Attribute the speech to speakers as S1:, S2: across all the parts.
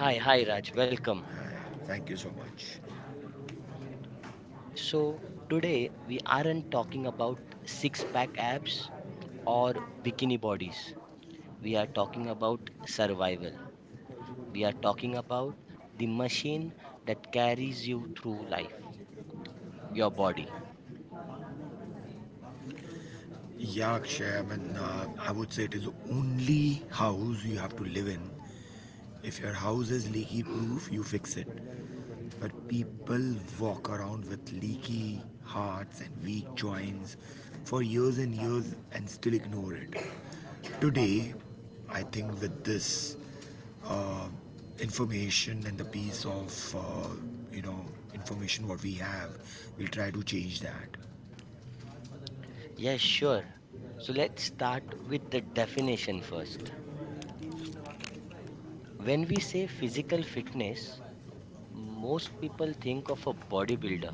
S1: hi, Raj, welcome.
S2: thank you so much.
S1: So, today we aren't talking about six pack abs or bikini bodies, we are talking about survival. We are talking about the machine that carries you through life, your body.
S2: Yeah, Akshay, I mean, I would say it is the only house you have to live in. If your house is leaky proof, you fix it. But people walk around with leaky hearts and weak joints for years and years and still ignore it. Today, I think with this information and the piece of, you know, information what we have, we'll try to change that.
S1: Yes, sure. So let's start with the definition first. When we say physical fitness, most people think of a bodybuilder.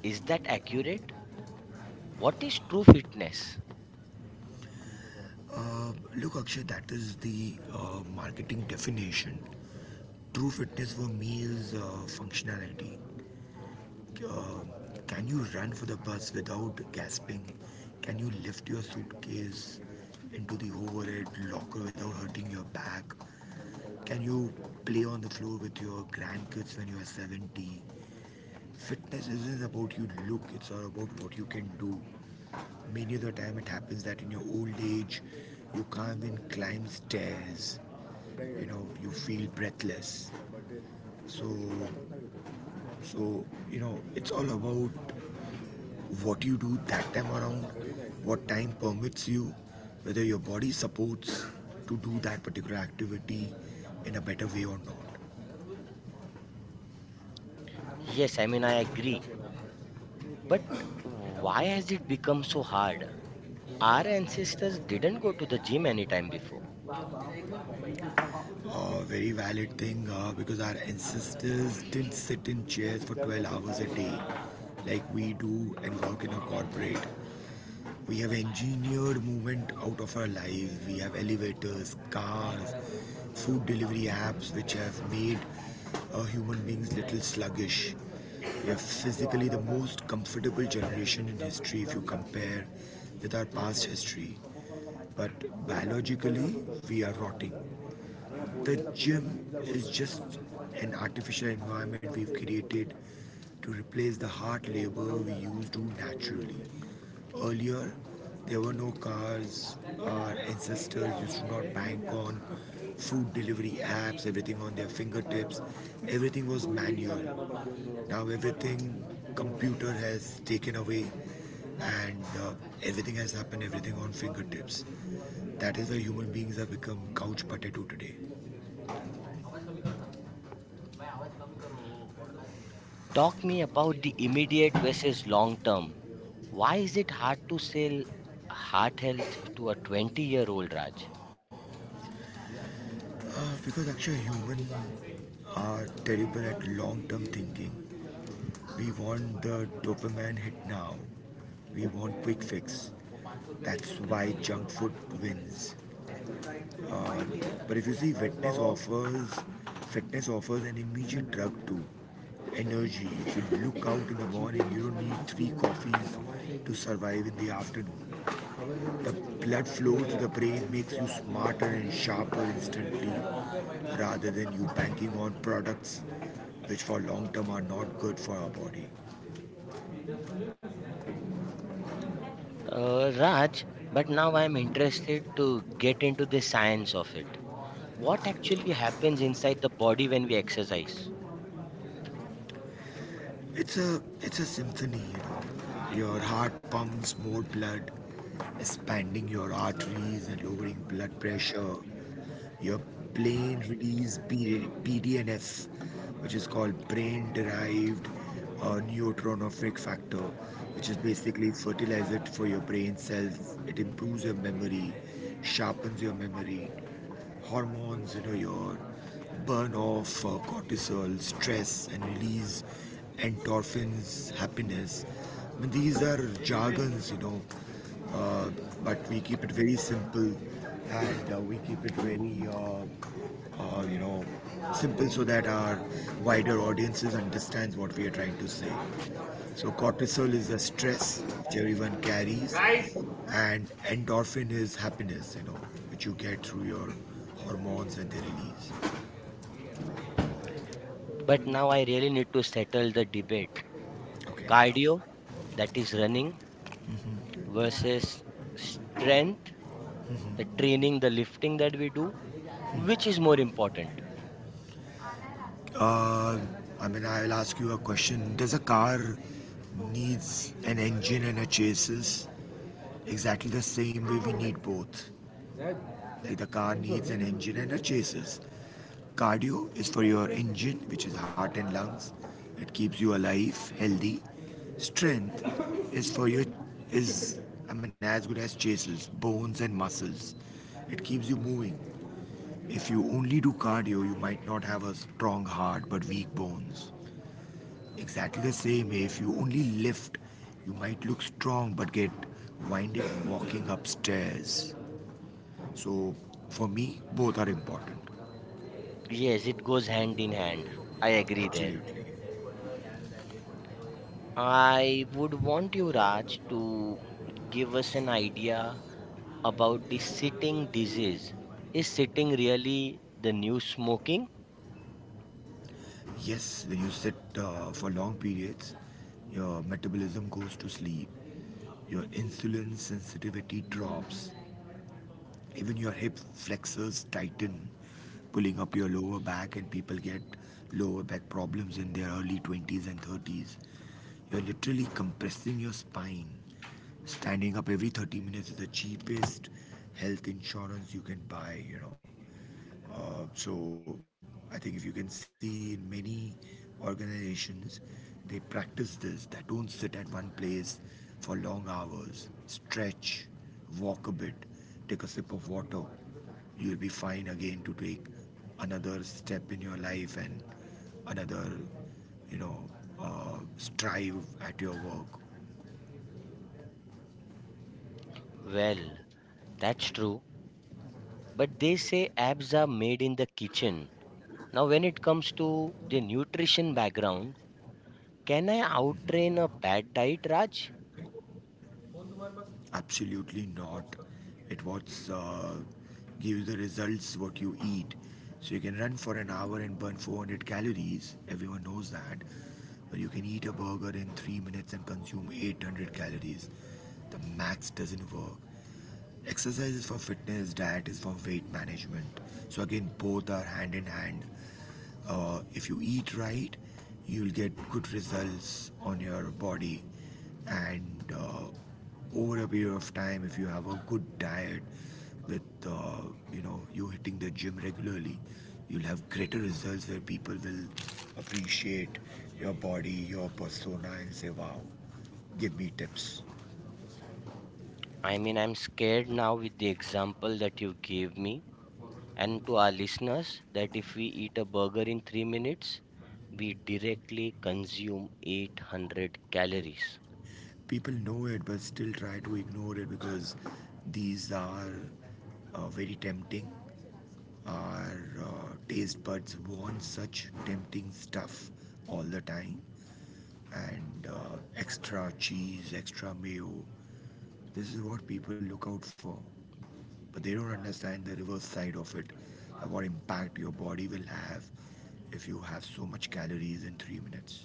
S1: Is that accurate? What is true fitness?
S2: Uh, Look, Akshay, that is the marketing definition. True fitness for me is functionality. Uh, can you run for the bus without gasping? Can you lift your suitcase into the overhead locker without hurting your back? Can you play on the floor with your grandkids when you are 70? Fitness isn't about you look, it's all about what you can do. Many of the time, it happens that in your old age, you can't even climb stairs, you know, you feel breathless, so so, you know, it's all about what you do that time around, what time permits you, whether your body supports to do that particular activity in a better way or not.
S1: Yes, I mean, I agree. But why has it become so hard? Our ancestors didn't go to the gym anytime before.
S2: A very valid thing, because our ancestors didn't sit in chairs for 12 hours a day like we do and work in a corporate. We have engineered movement out of our lives. We have elevators, cars, food delivery apps, which have made human beings little sluggish. We are physically the most comfortable generation in history if you compare with our past history. But biologically, we are rotting. The gym is just an artificial environment we've created to replace the hard labor we used to naturally. Earlier there were no cars, our ancestors used to not bank on food delivery apps, everything on their fingertips, everything was manual. Now everything computer has taken away, and everything has happened, everything on fingertips. That is why human beings have become couch potato today.
S1: Talk me about the immediate versus long term. Why is it hard to sell heart health to a 20-year old, Raj?
S2: Because actually humans are terrible at long-term thinking, we want the dopamine hit now, we want quick fix. That's why junk food wins. But if you see, fitness offers an immediate drug to energy. If you look out in the morning, you don't need three coffees to survive in the afternoon. The blood flow to the brain makes you smarter and sharper instantly, rather than you banking on products which for long term are not good for our body.
S1: Raj, but now I'm interested to get into the science of it. What actually happens inside the body when we exercise?
S2: It's a symphony, you know. Your heart pumps more blood, expanding your arteries and lowering blood pressure. Your plain release BDNF, which is called brain derived neurotrophic factor, which is basically fertilizer for your brain cells. It improves your memory, sharpens your memory, hormones, you know, your burn off cortisol, stress, and release endorphins, happiness. I mean, these are jargons, uh, but we keep it very simple, and we keep it very uh, you know simple so that our wider audiences understands what we are trying to say. So cortisol is the stress which everyone carries, and endorphin is happiness, you know, which you get through your hormones when they release.
S1: But now I really need to settle the debate.
S2: Okay.
S1: Cardio, that is running, versus strength, the training, the lifting that we do, which is more important?
S2: Uh, i mean i'll ask you a question, does a car needs an engine and a chassis? Exactly the same way we need both. Like the car needs an engine and a chassis. Cardio is for your engine, which is heart and lungs. It keeps you alive, healthy. Strength is for your is I mean as good as chases, bones and muscles. It keeps you moving. If you only do cardio, you might not have a strong heart but weak bones. Exactly the same way if you only lift, you might look strong but get winded walking upstairs. So for me, both are important.
S1: Yes, it goes hand in hand. I agree there.
S2: Absolutely.
S1: I would want you, Raj, to give us an idea about the sitting disease. Is sitting really the new smoking?
S2: Yes, when you sit for long periods, your metabolism goes to sleep, your insulin sensitivity drops, even your hip flexors tighten, pulling up your lower back, and people get lower back problems in their early 20s and 30s. You're literally compressing your spine. Standing up every 30 minutes is the cheapest health insurance you can buy, you know. So I think if you can see in many organizations, they practice this. That don't sit at one place for long hours. Stretch, walk a bit, take a sip of water. You'll be fine again to take another step in your life and another, you know, strive at your work.
S1: Well, that's true. But they say abs are made in the kitchen. Now, when it comes to the nutrition background, can I outtrain a bad diet, Raj?
S2: Absolutely not. It what's Gives the results what you eat. So you can run for an hour and burn 400 calories. Everyone knows that. But you can eat a burger in 3 minutes and consume 800 calories. The maths doesn't work. Exercise is for fitness, diet is for weight management. So, again, both are hand in hand. If you eat right, you'll get good results on your body. And over a period of time, if you have a good diet with you know you hitting the gym regularly, you'll have greater results where people will appreciate your body, your persona, and say, "Wow, give me tips."
S1: I mean, I'm scared now with the example that you gave me and to our listeners that if we eat a burger in 3 minutes, we directly consume 800 calories.
S2: People know it but still try to ignore it because these are very tempting. Our taste buds want such tempting stuff all the time, and extra cheese, extra mayo. This is what people look out for, but they don't understand the reverse side of it, what impact your body will have if you have so much calories in 3 minutes.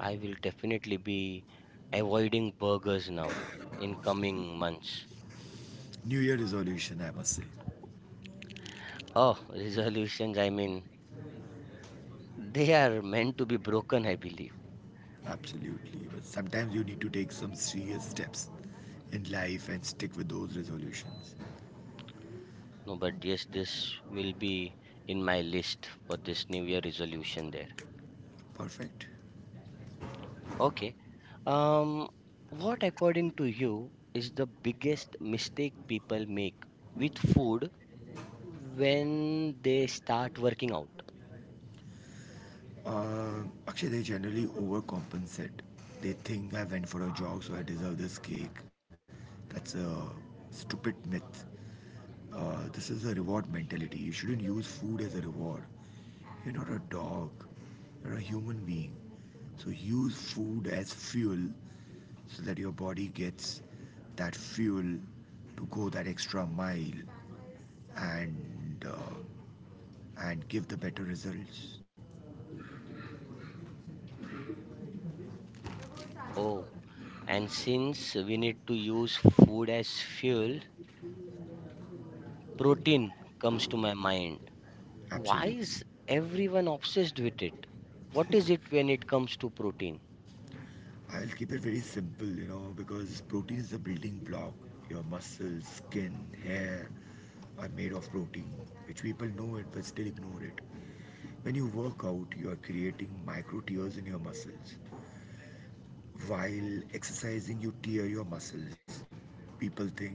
S1: I will definitely be avoiding burgers now in coming months.
S2: New Year resolution, I must say.
S1: Oh, resolutions, I mean, they are meant to be broken, I believe.
S2: Absolutely. But sometimes you need to take some serious steps in life and stick with those resolutions.
S1: No, but yes, this will be in my list for this New Year resolution there.
S2: Perfect.
S1: Okay. Um, what according to you is the biggest mistake people make with food when they start working out?
S2: Actually, they generally overcompensate. They think I went for a jog, so I deserve this cake. That's a stupid myth. This is a reward mentality. You shouldn't use food as a reward. You're not a dog, you're a human being. So use food as fuel so that your body gets that fuel to go that extra mile, and uh, and give the better results.
S1: Oh, and since we need to use food as fuel, protein comes to my mind. Why
S2: Absolutely.
S1: is everyone obsessed with it? What is it when it comes to protein?
S2: I'll keep it very simple, you know, because protein is the building block. Your muscles, skin, hair are made of protein, which people know it but still ignore it. When you work out you are creating micro tears in your muscles. While exercising you tear your muscles, people think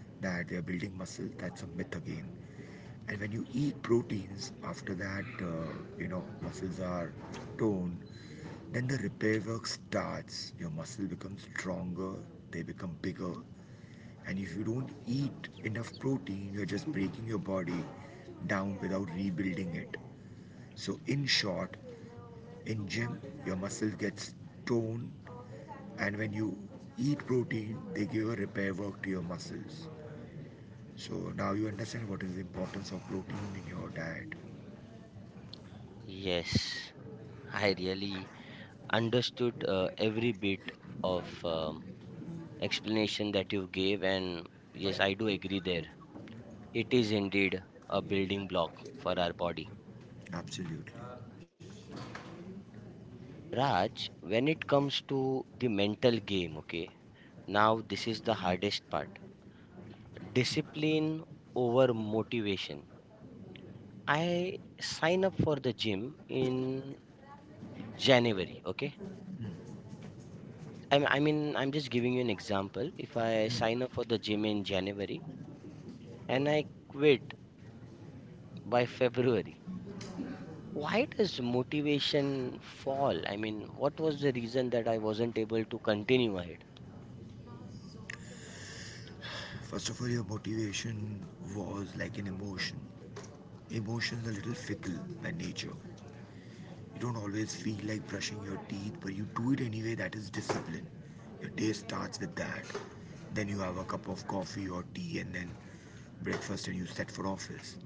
S2: that they are building muscle. That's a myth again. And when you eat proteins, after that, muscles are toned, then the repair work starts. Your muscle becomes stronger, they become bigger. And if you don't eat enough protein, you're just breaking your body down without rebuilding it. So, in short, in gym, your muscle gets toned, and when you eat protein, they give a repair work to your muscles. So now you understand what is the importance of protein in your diet.
S1: Yes, I really understood every bit of explanation that you gave, and yes, I do agree there. It is indeed a building block for our body.
S2: Absolutely.
S1: Raj, when it comes to the mental game, okay, now this is the hardest part, discipline over motivation. I sign up for the gym in January. Okay. I mean, I'm just giving you an example. If I sign up for the gym in January and I quit by February, why does motivation fall? I mean, what was the reason that I wasn't able to continue ahead?
S2: First of all, your motivation was like an emotion. Emotions are a little fickle by nature. You don't always feel like brushing your teeth, but you do it anyway. That is discipline. Your day starts with that. Then you have a cup of coffee or tea, and then breakfast, and you set for office.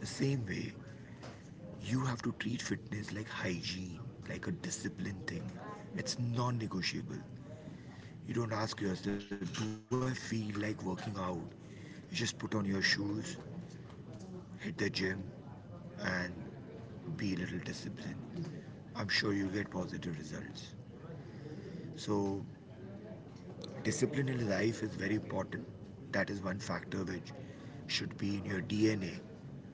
S2: The same way, you have to treat fitness like hygiene, like a discipline thing. It's non negotiable. You don't ask yourself, do I feel like working out? You just put on your shoes, hit the gym, and be a little disciplined. I'm sure you'll get positive results. So, discipline in life is very important. That is one factor which should be in your DNA.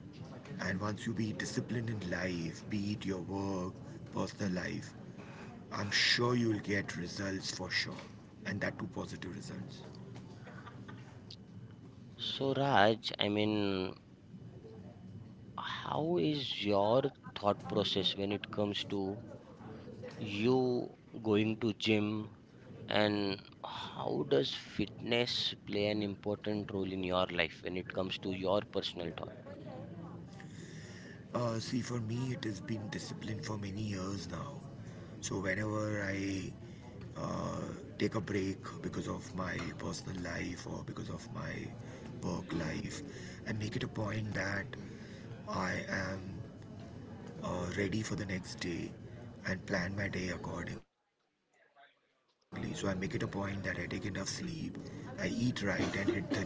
S2: And once you be disciplined in life, be it your work, personal life, I'm sure you'll get results for sure. And that too positive results.
S1: So, Raj, I mean, how is your thought process when it comes to you going to gym? And how does fitness play an important role in your life when it comes to your personal thought?
S2: See, for me, it has been discipline for many years now. So, whenever I uh, take a break because of my personal life or because of my work life, I make it a point that I am ready for the next day and plan my day accordingly. So, I make it a point that I take enough sleep, I eat right, and hit the gym.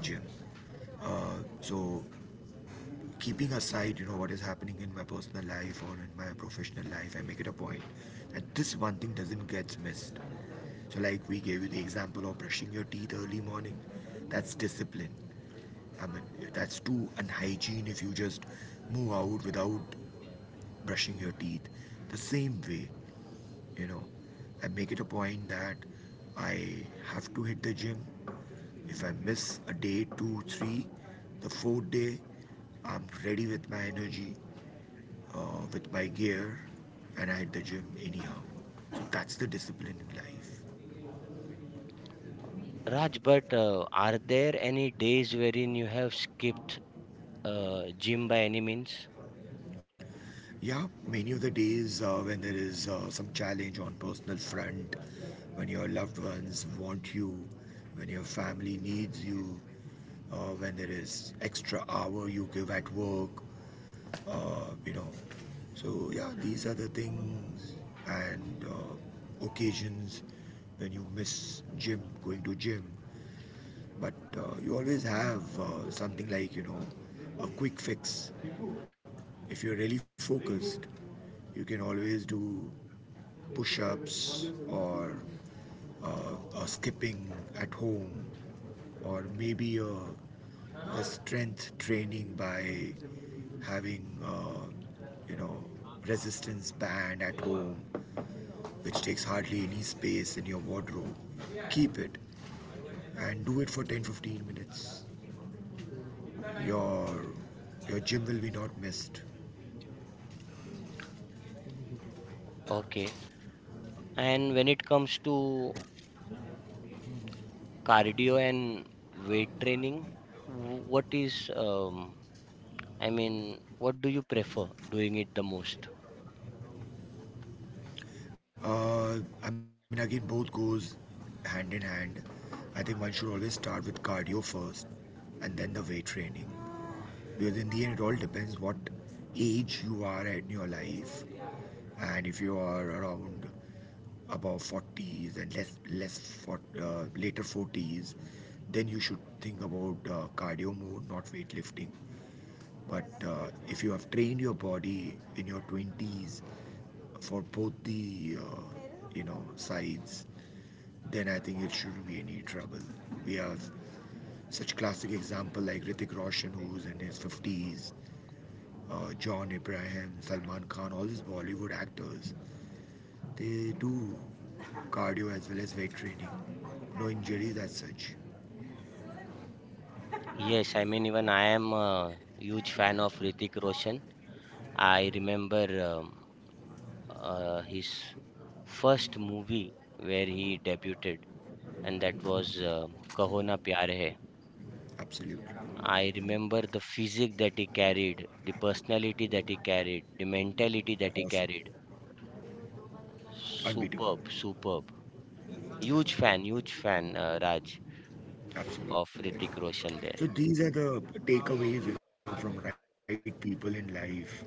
S2: Uh, so, Keeping aside you know what is happening in my personal life or in my professional life, I make it a point that this one thing doesn't get missed. So like we gave you the example of brushing your teeth early morning, that's discipline. I mean, that's too unhygiene if you just move out without brushing your teeth. The same way, you know, I make it a point that I have to hit the gym. If I miss a day two, three, the fourth day I'm ready with my energy, with my gear, and I hit the gym anyhow. So that's the discipline in life.
S1: Raj, but are there any days wherein you have skipped gym by any means?
S2: Yeah, many of the days when there is some challenge on personal front, when your loved ones want you, when your family needs you, when there is extra hour you give at work, you know. So yeah, these are the things and occasions when you miss gym, going to gym. But you always have something like, a quick fix. If you're really focused, you can always do push ups or a skipping at home, or maybe a strength training by having, you know, resistance band at home, which takes hardly any space in your wardrobe. Keep it and do it for 10 to 15 minutes. Your your gym will be not missed.
S1: Okay. And when it comes to cardio and weight training, what is, I mean, what do you prefer doing it the most?
S2: I mean, again, both goes hand in hand. I think one should always start with cardio first and then the weight training. Because in the end, it all depends what age you are at in your life. And if you are around above 40s and less for, later 40s, then you should think about cardio more, not weightlifting. But if you have trained your body in your 20s for both the sides, then I think it shouldn't be any trouble. We have such classic example like Ritik Roshan, who's in his 50s, John Abraham, Salman Khan, all these Bollywood actors. They do cardio as well as weight training. No injuries as such.
S1: Yes, I mean, even I am a huge fan of Ritik Roshan. I remember. Um, his first movie where he debuted, and that was Kaho Pyar Hai.
S2: Absolutely.
S1: I remember the physique that he carried, the personality that he carried, the mentality that he
S2: Awesome.
S1: carried.
S2: Unbeatable.
S1: Superb, superb. Huge fan, Raj, of
S2: Absolutely.
S1: Ritik Roshan there.
S2: So these are the takeaways, from right people in life.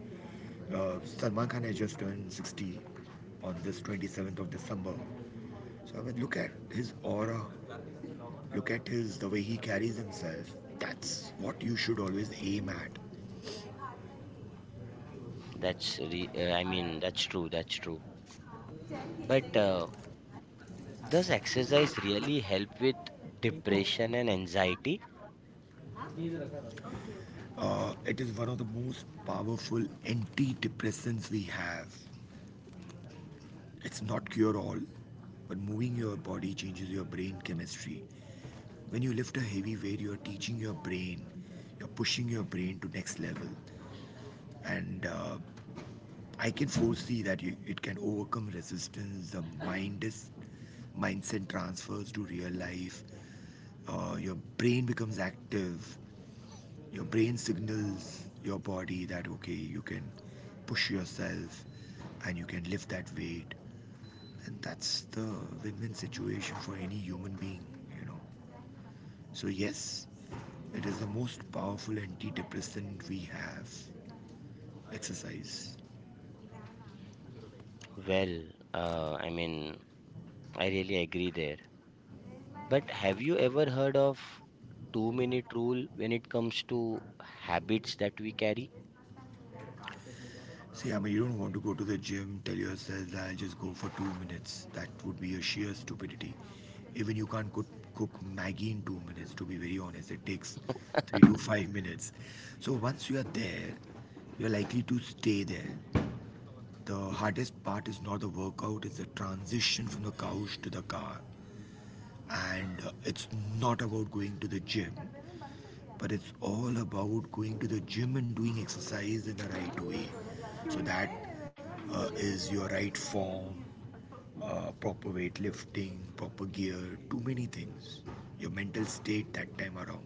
S2: Salman Khan has just turned 60 on this 27th of December. So I mean, look at his aura. Look at the way he carries himself. That's what you should always aim at.
S1: That's, I mean, that's true, that's true. But does exercise really help with depression and anxiety?
S2: It is one of the most powerful antidepressants we have. It's not cure all, but moving your body changes your brain chemistry. When you lift a heavy weight, you're teaching your brain, you're pushing your brain to next level. And I can foresee that it can overcome resistance. The mindset transfers to real life. Your brain becomes active. Your brain signals your body that okay, you can push yourself and you can lift that weight. And that's the win-win situation for any human being, you know. So yes, it is the most powerful antidepressant we have. Exercise.
S1: Well, I mean, I really agree there. But have you ever heard of 2 minute rule when it comes to habits that we carry?
S2: See, I mean, you don't want to go to the gym, tell yourself that I'll just go for 2 minutes. That would be a sheer stupidity. Even you can't cook Maggie in 2 minutes, to be very honest. It takes 3 to 5 minutes. So once you are there, you're likely to stay there. The hardest part is not the workout, it's the transition from the couch to the car. And it's not about going to the gym, but it's all about going to the gym and doing exercise in a right way. So that is your right form, proper weightlifting, proper gear, too many things. Your mental state that time around.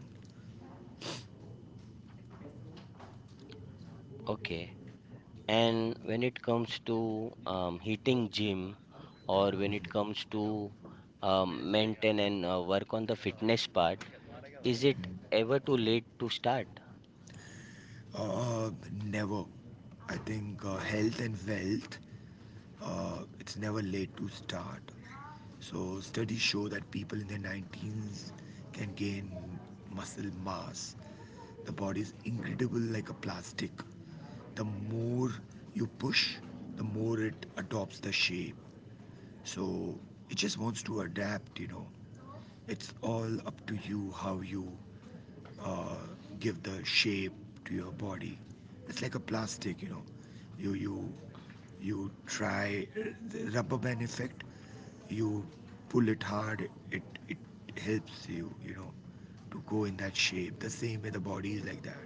S1: Okay. And when it comes to hitting gym or when it comes to maintain and work on the fitness part, is it ever too late to start?
S2: Uh, Never. I think health and wealth, it's never late to start. So, studies show that people in their 19s can gain muscle mass. The body is incredible like a plastic. The more you push, the more it adopts the shape. So it just wants to adapt. It's all up to you how you uh, give the shape to your body. It's like a plastic, you know. You you you try the rubber band effect. You pull it hard. It helps you, to go in that shape. The same way the body is like that.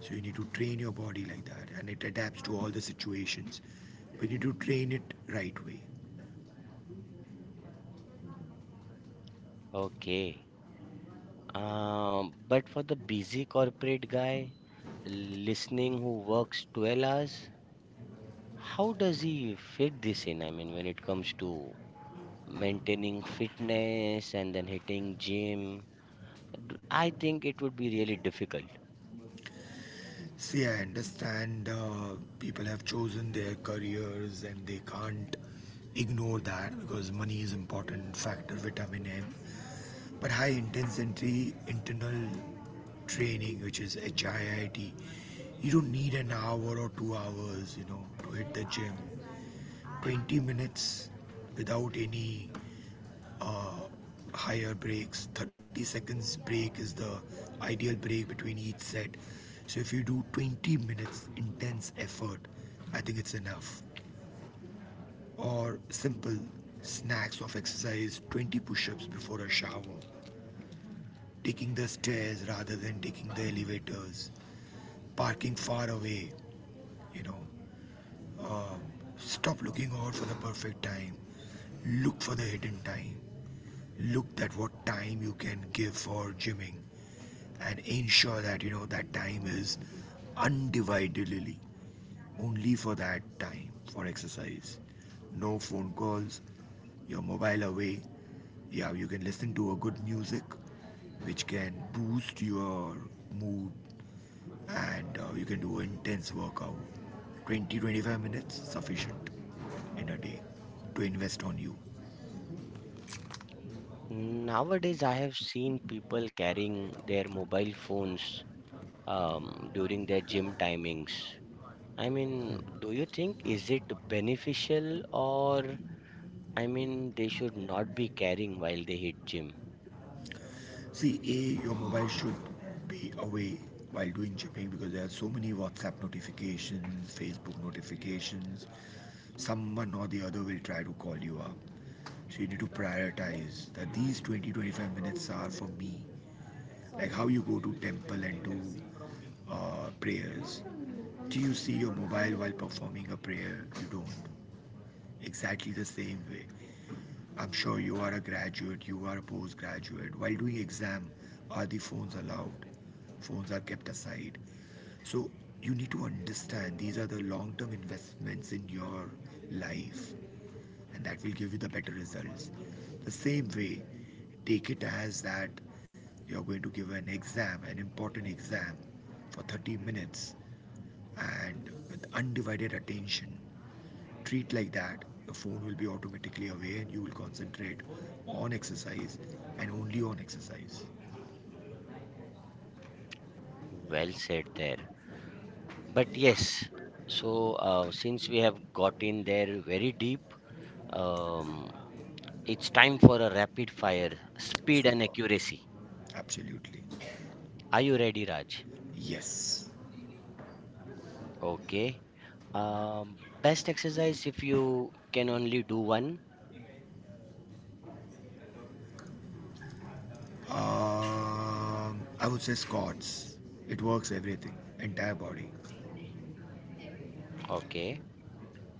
S2: So you need to train your body like that, and it adapts to all the situations. But you need to train it right way.
S1: Okay. But for the busy corporate guy listening who works 12 hours, how does he fit this in? I mean, when it comes to maintaining fitness and then hitting gym, I think it would be really difficult.
S2: See, I understand people have chosen their careers and they can't ignore that because money is important factor, vitamin M. But high intensity internal training, which is HIIT, you don't need an hour or 2 hours, to hit the gym. 20 minutes without any uh, higher breaks. 30 seconds break is the ideal break between each set. So if you do 20 minutes intense effort, I think it's enough. Or simple snacks of exercise, 20 push-ups before a shower, taking the stairs rather than taking the elevators, parking far away, you know. Uh, Stop looking out for the perfect time. Look for the hidden time. Look at what time you can give for gymming and ensure that you know that time is undividedly only for that time for exercise. No phone calls. Your mobile away. Yeah, you can listen to a good music, which can boost your mood and you can do intense workout 20 to 25 minutes sufficient in a day to invest on you.
S1: Nowadays I have seen people carrying their mobile phones um, during their gym timings. I mean, do you think is it beneficial, or I mean they should not be carrying while they hit gym?
S2: See, A, your mobile should be away while doing chipping because there are so many WhatsApp notifications, Facebook notifications. Someone or the other will try to call you up. So you need to prioritize that these 20 to 25 minutes are for me. Like how you go to temple and do prayers. Do you see your mobile while performing a prayer? You don't. Exactly the same way. I'm sure you are a graduate, you are a postgraduate. While doing exam, are the phones allowed? Phones are kept aside. So you need to understand these are the long-term investments in your life and that will give you the better results. The same way, take it as that you're going to give an exam, an important exam for 30 minutes and with undivided attention treat like that. The phone will be automatically away and you will concentrate on exercise and only on exercise.
S1: Well said there. But yes, so since we have got in there very deep, um, it's time for a rapid fire. Speed and
S2: Super.
S1: accuracy.
S2: Absolutely.
S1: Are you ready, Raj?
S2: Yes.
S1: Okay. Best exercise if you can only do one.
S2: I would say Scott's. It works everything, entire body.
S1: Okay.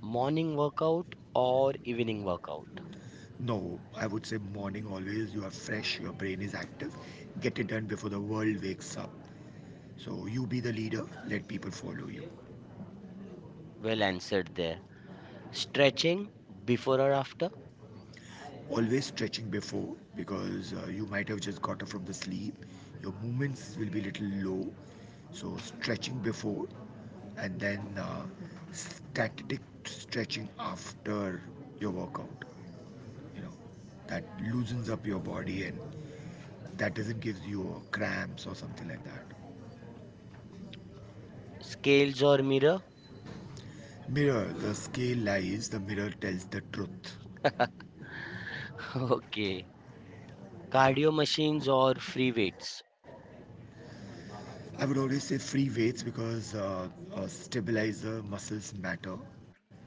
S1: Morning workout or evening workout?
S2: No, I would say morning always. You are fresh, your brain is active. Get it done before the world wakes up. So you be the leader, let people follow you.
S1: Well answered there. Stretching before or after?
S2: Always stretching before because you might have just got up from the sleep. Your movements will be a little low. So stretching before and then static stretching after your workout. You know, that loosens up your body and that doesn't give you cramps or something like that.
S1: Scales or mirror?
S2: Mirror, the scale lies, the mirror tells the truth.
S1: Okay. Cardio machines or free weights?
S2: I would always say free weights because stabilizer muscles matter.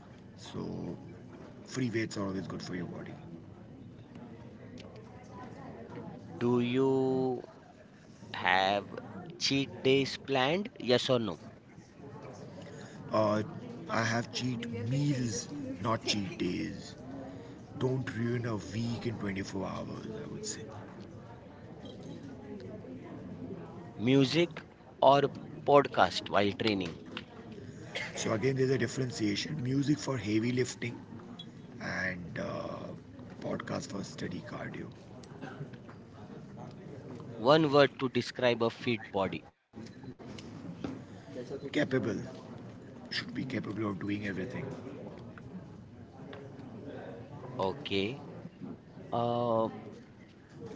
S2: So free weights are always good for your body.
S1: Do you have cheat days planned? Yes or no?
S2: Uh, I have cheat meals, not cheat days. Don't ruin a week in 24 hours, I would say.
S1: Music or podcast while training?
S2: So again, there's a differentiation: music for heavy lifting and podcast for steady cardio.
S1: One word to describe a fit body.
S2: Capable should be capable of doing everything.
S1: Okay. Uh,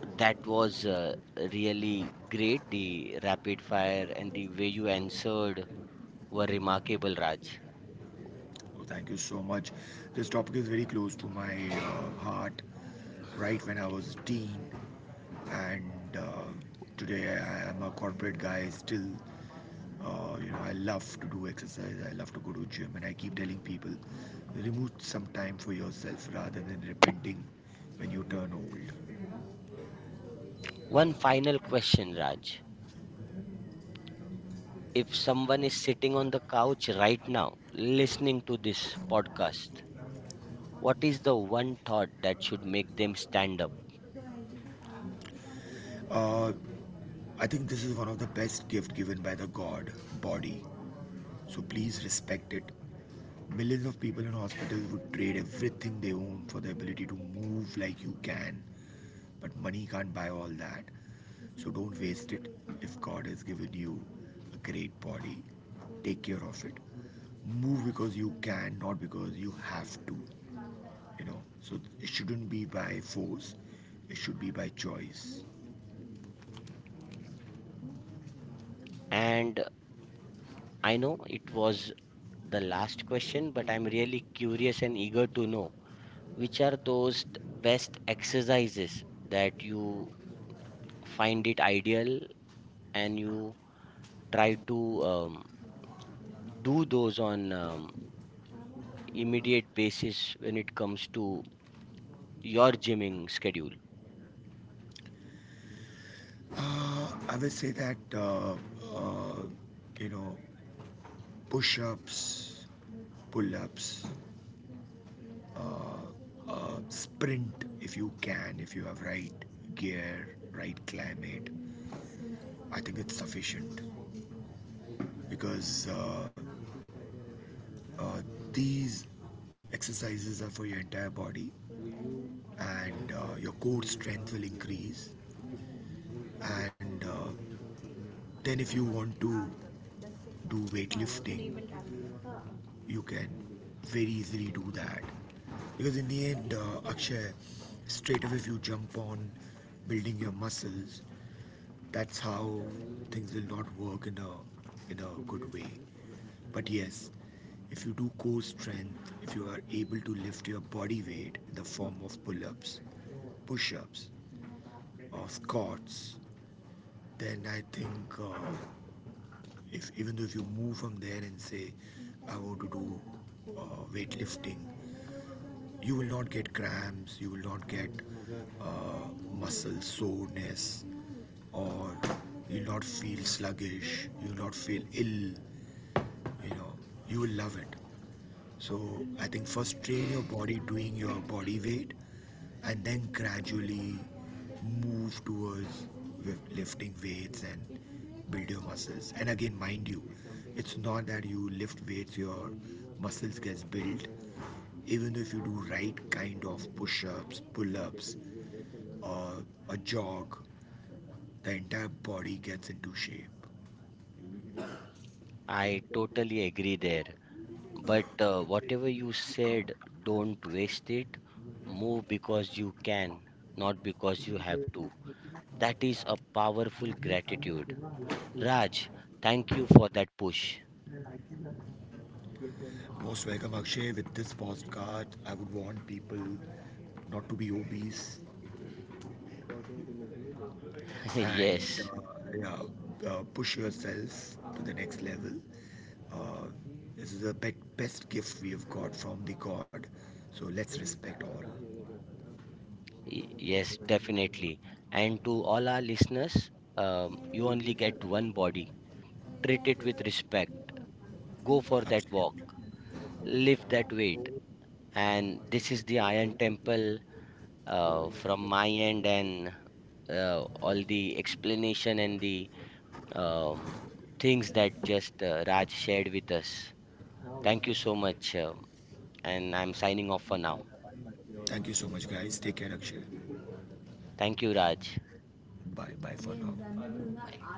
S1: that was really great. The rapid fire and the way you answered were remarkable, Raj.
S2: So thank you so much. This topic is very close to my heart. Right when I was a teen, and today I am a corporate guy still. Oh, I love to do exercise. I love to go to gym, and I keep telling people, remove some time for yourself rather than repenting when you turn old.
S1: One final question, Raj. If someone is sitting on the couch right now listening to this podcast, what is the one thought that should make them stand up?
S2: Uh, I think this is one of the best gift given by the God, body. So please respect it. Millions of people in hospitals would trade everything they own for the ability to move like you can, but money can't buy all that. So don't waste it. If God has given you a great body, take care of it. Move because you can, not because you have to. So it shouldn't be by force. It should be by choice.
S1: And I know it was the last question, but I'm really curious and eager to know which are those best exercises that you find it ideal and you try to um, do those on immediate basis when it comes to your gymming schedule.
S2: I would say that uh, you know, push-ups, pull-ups, sprint if you can, if you have right gear, right climate. I think it's sufficient because uh, these exercises are for your entire body and your core strength will increase, and then if you want to do weightlifting you can very easily do that, because in the end Akshay, straight away if you jump on building your muscles, that's how things will not work in a good way. But yes, if you do core strength, if you are able to lift your body weight in the form of pull-ups, push-ups, or squats, then I think if even though if you move from there and say I want to do weightlifting, you will not get cramps, you will not get uh, muscle soreness, or you'll not feel sluggish, you'll not feel ill you know you will love it. So I think first train your body doing your body weight and then gradually move towards lifting weights and build your muscles. And again mind you, it's not that you lift weights your muscles gets built. Even if you do right kind of push-ups, pull-ups, or a jog, the entire body gets into shape.
S1: I totally agree there. But whatever you said, don't waste it. Move because you can, not because you have to. That is a powerful gratitude, Raj. Thank you for that push.
S2: Most welcome, Akshay. With this postcard, I would want people not to be obese. And
S1: Yes.
S2: yeah, push yourself to the next level. Uh, this is the best gift we have got from the God. So let's respect all.
S1: Yes, definitely. And to all our listeners, you only get one body. Treat it with respect. Go for that walk.
S2: Absolutely.
S1: Lift that weight. And this is the Iron Temple, from my end, and all the explanation and the um, things that just Raj shared with us. Thank you so much. And I'm signing off for now.
S2: Thank you so much, guys. Take care, Akshay.
S1: Thank you, Raj.
S2: Bye bye for now.
S1: Bye.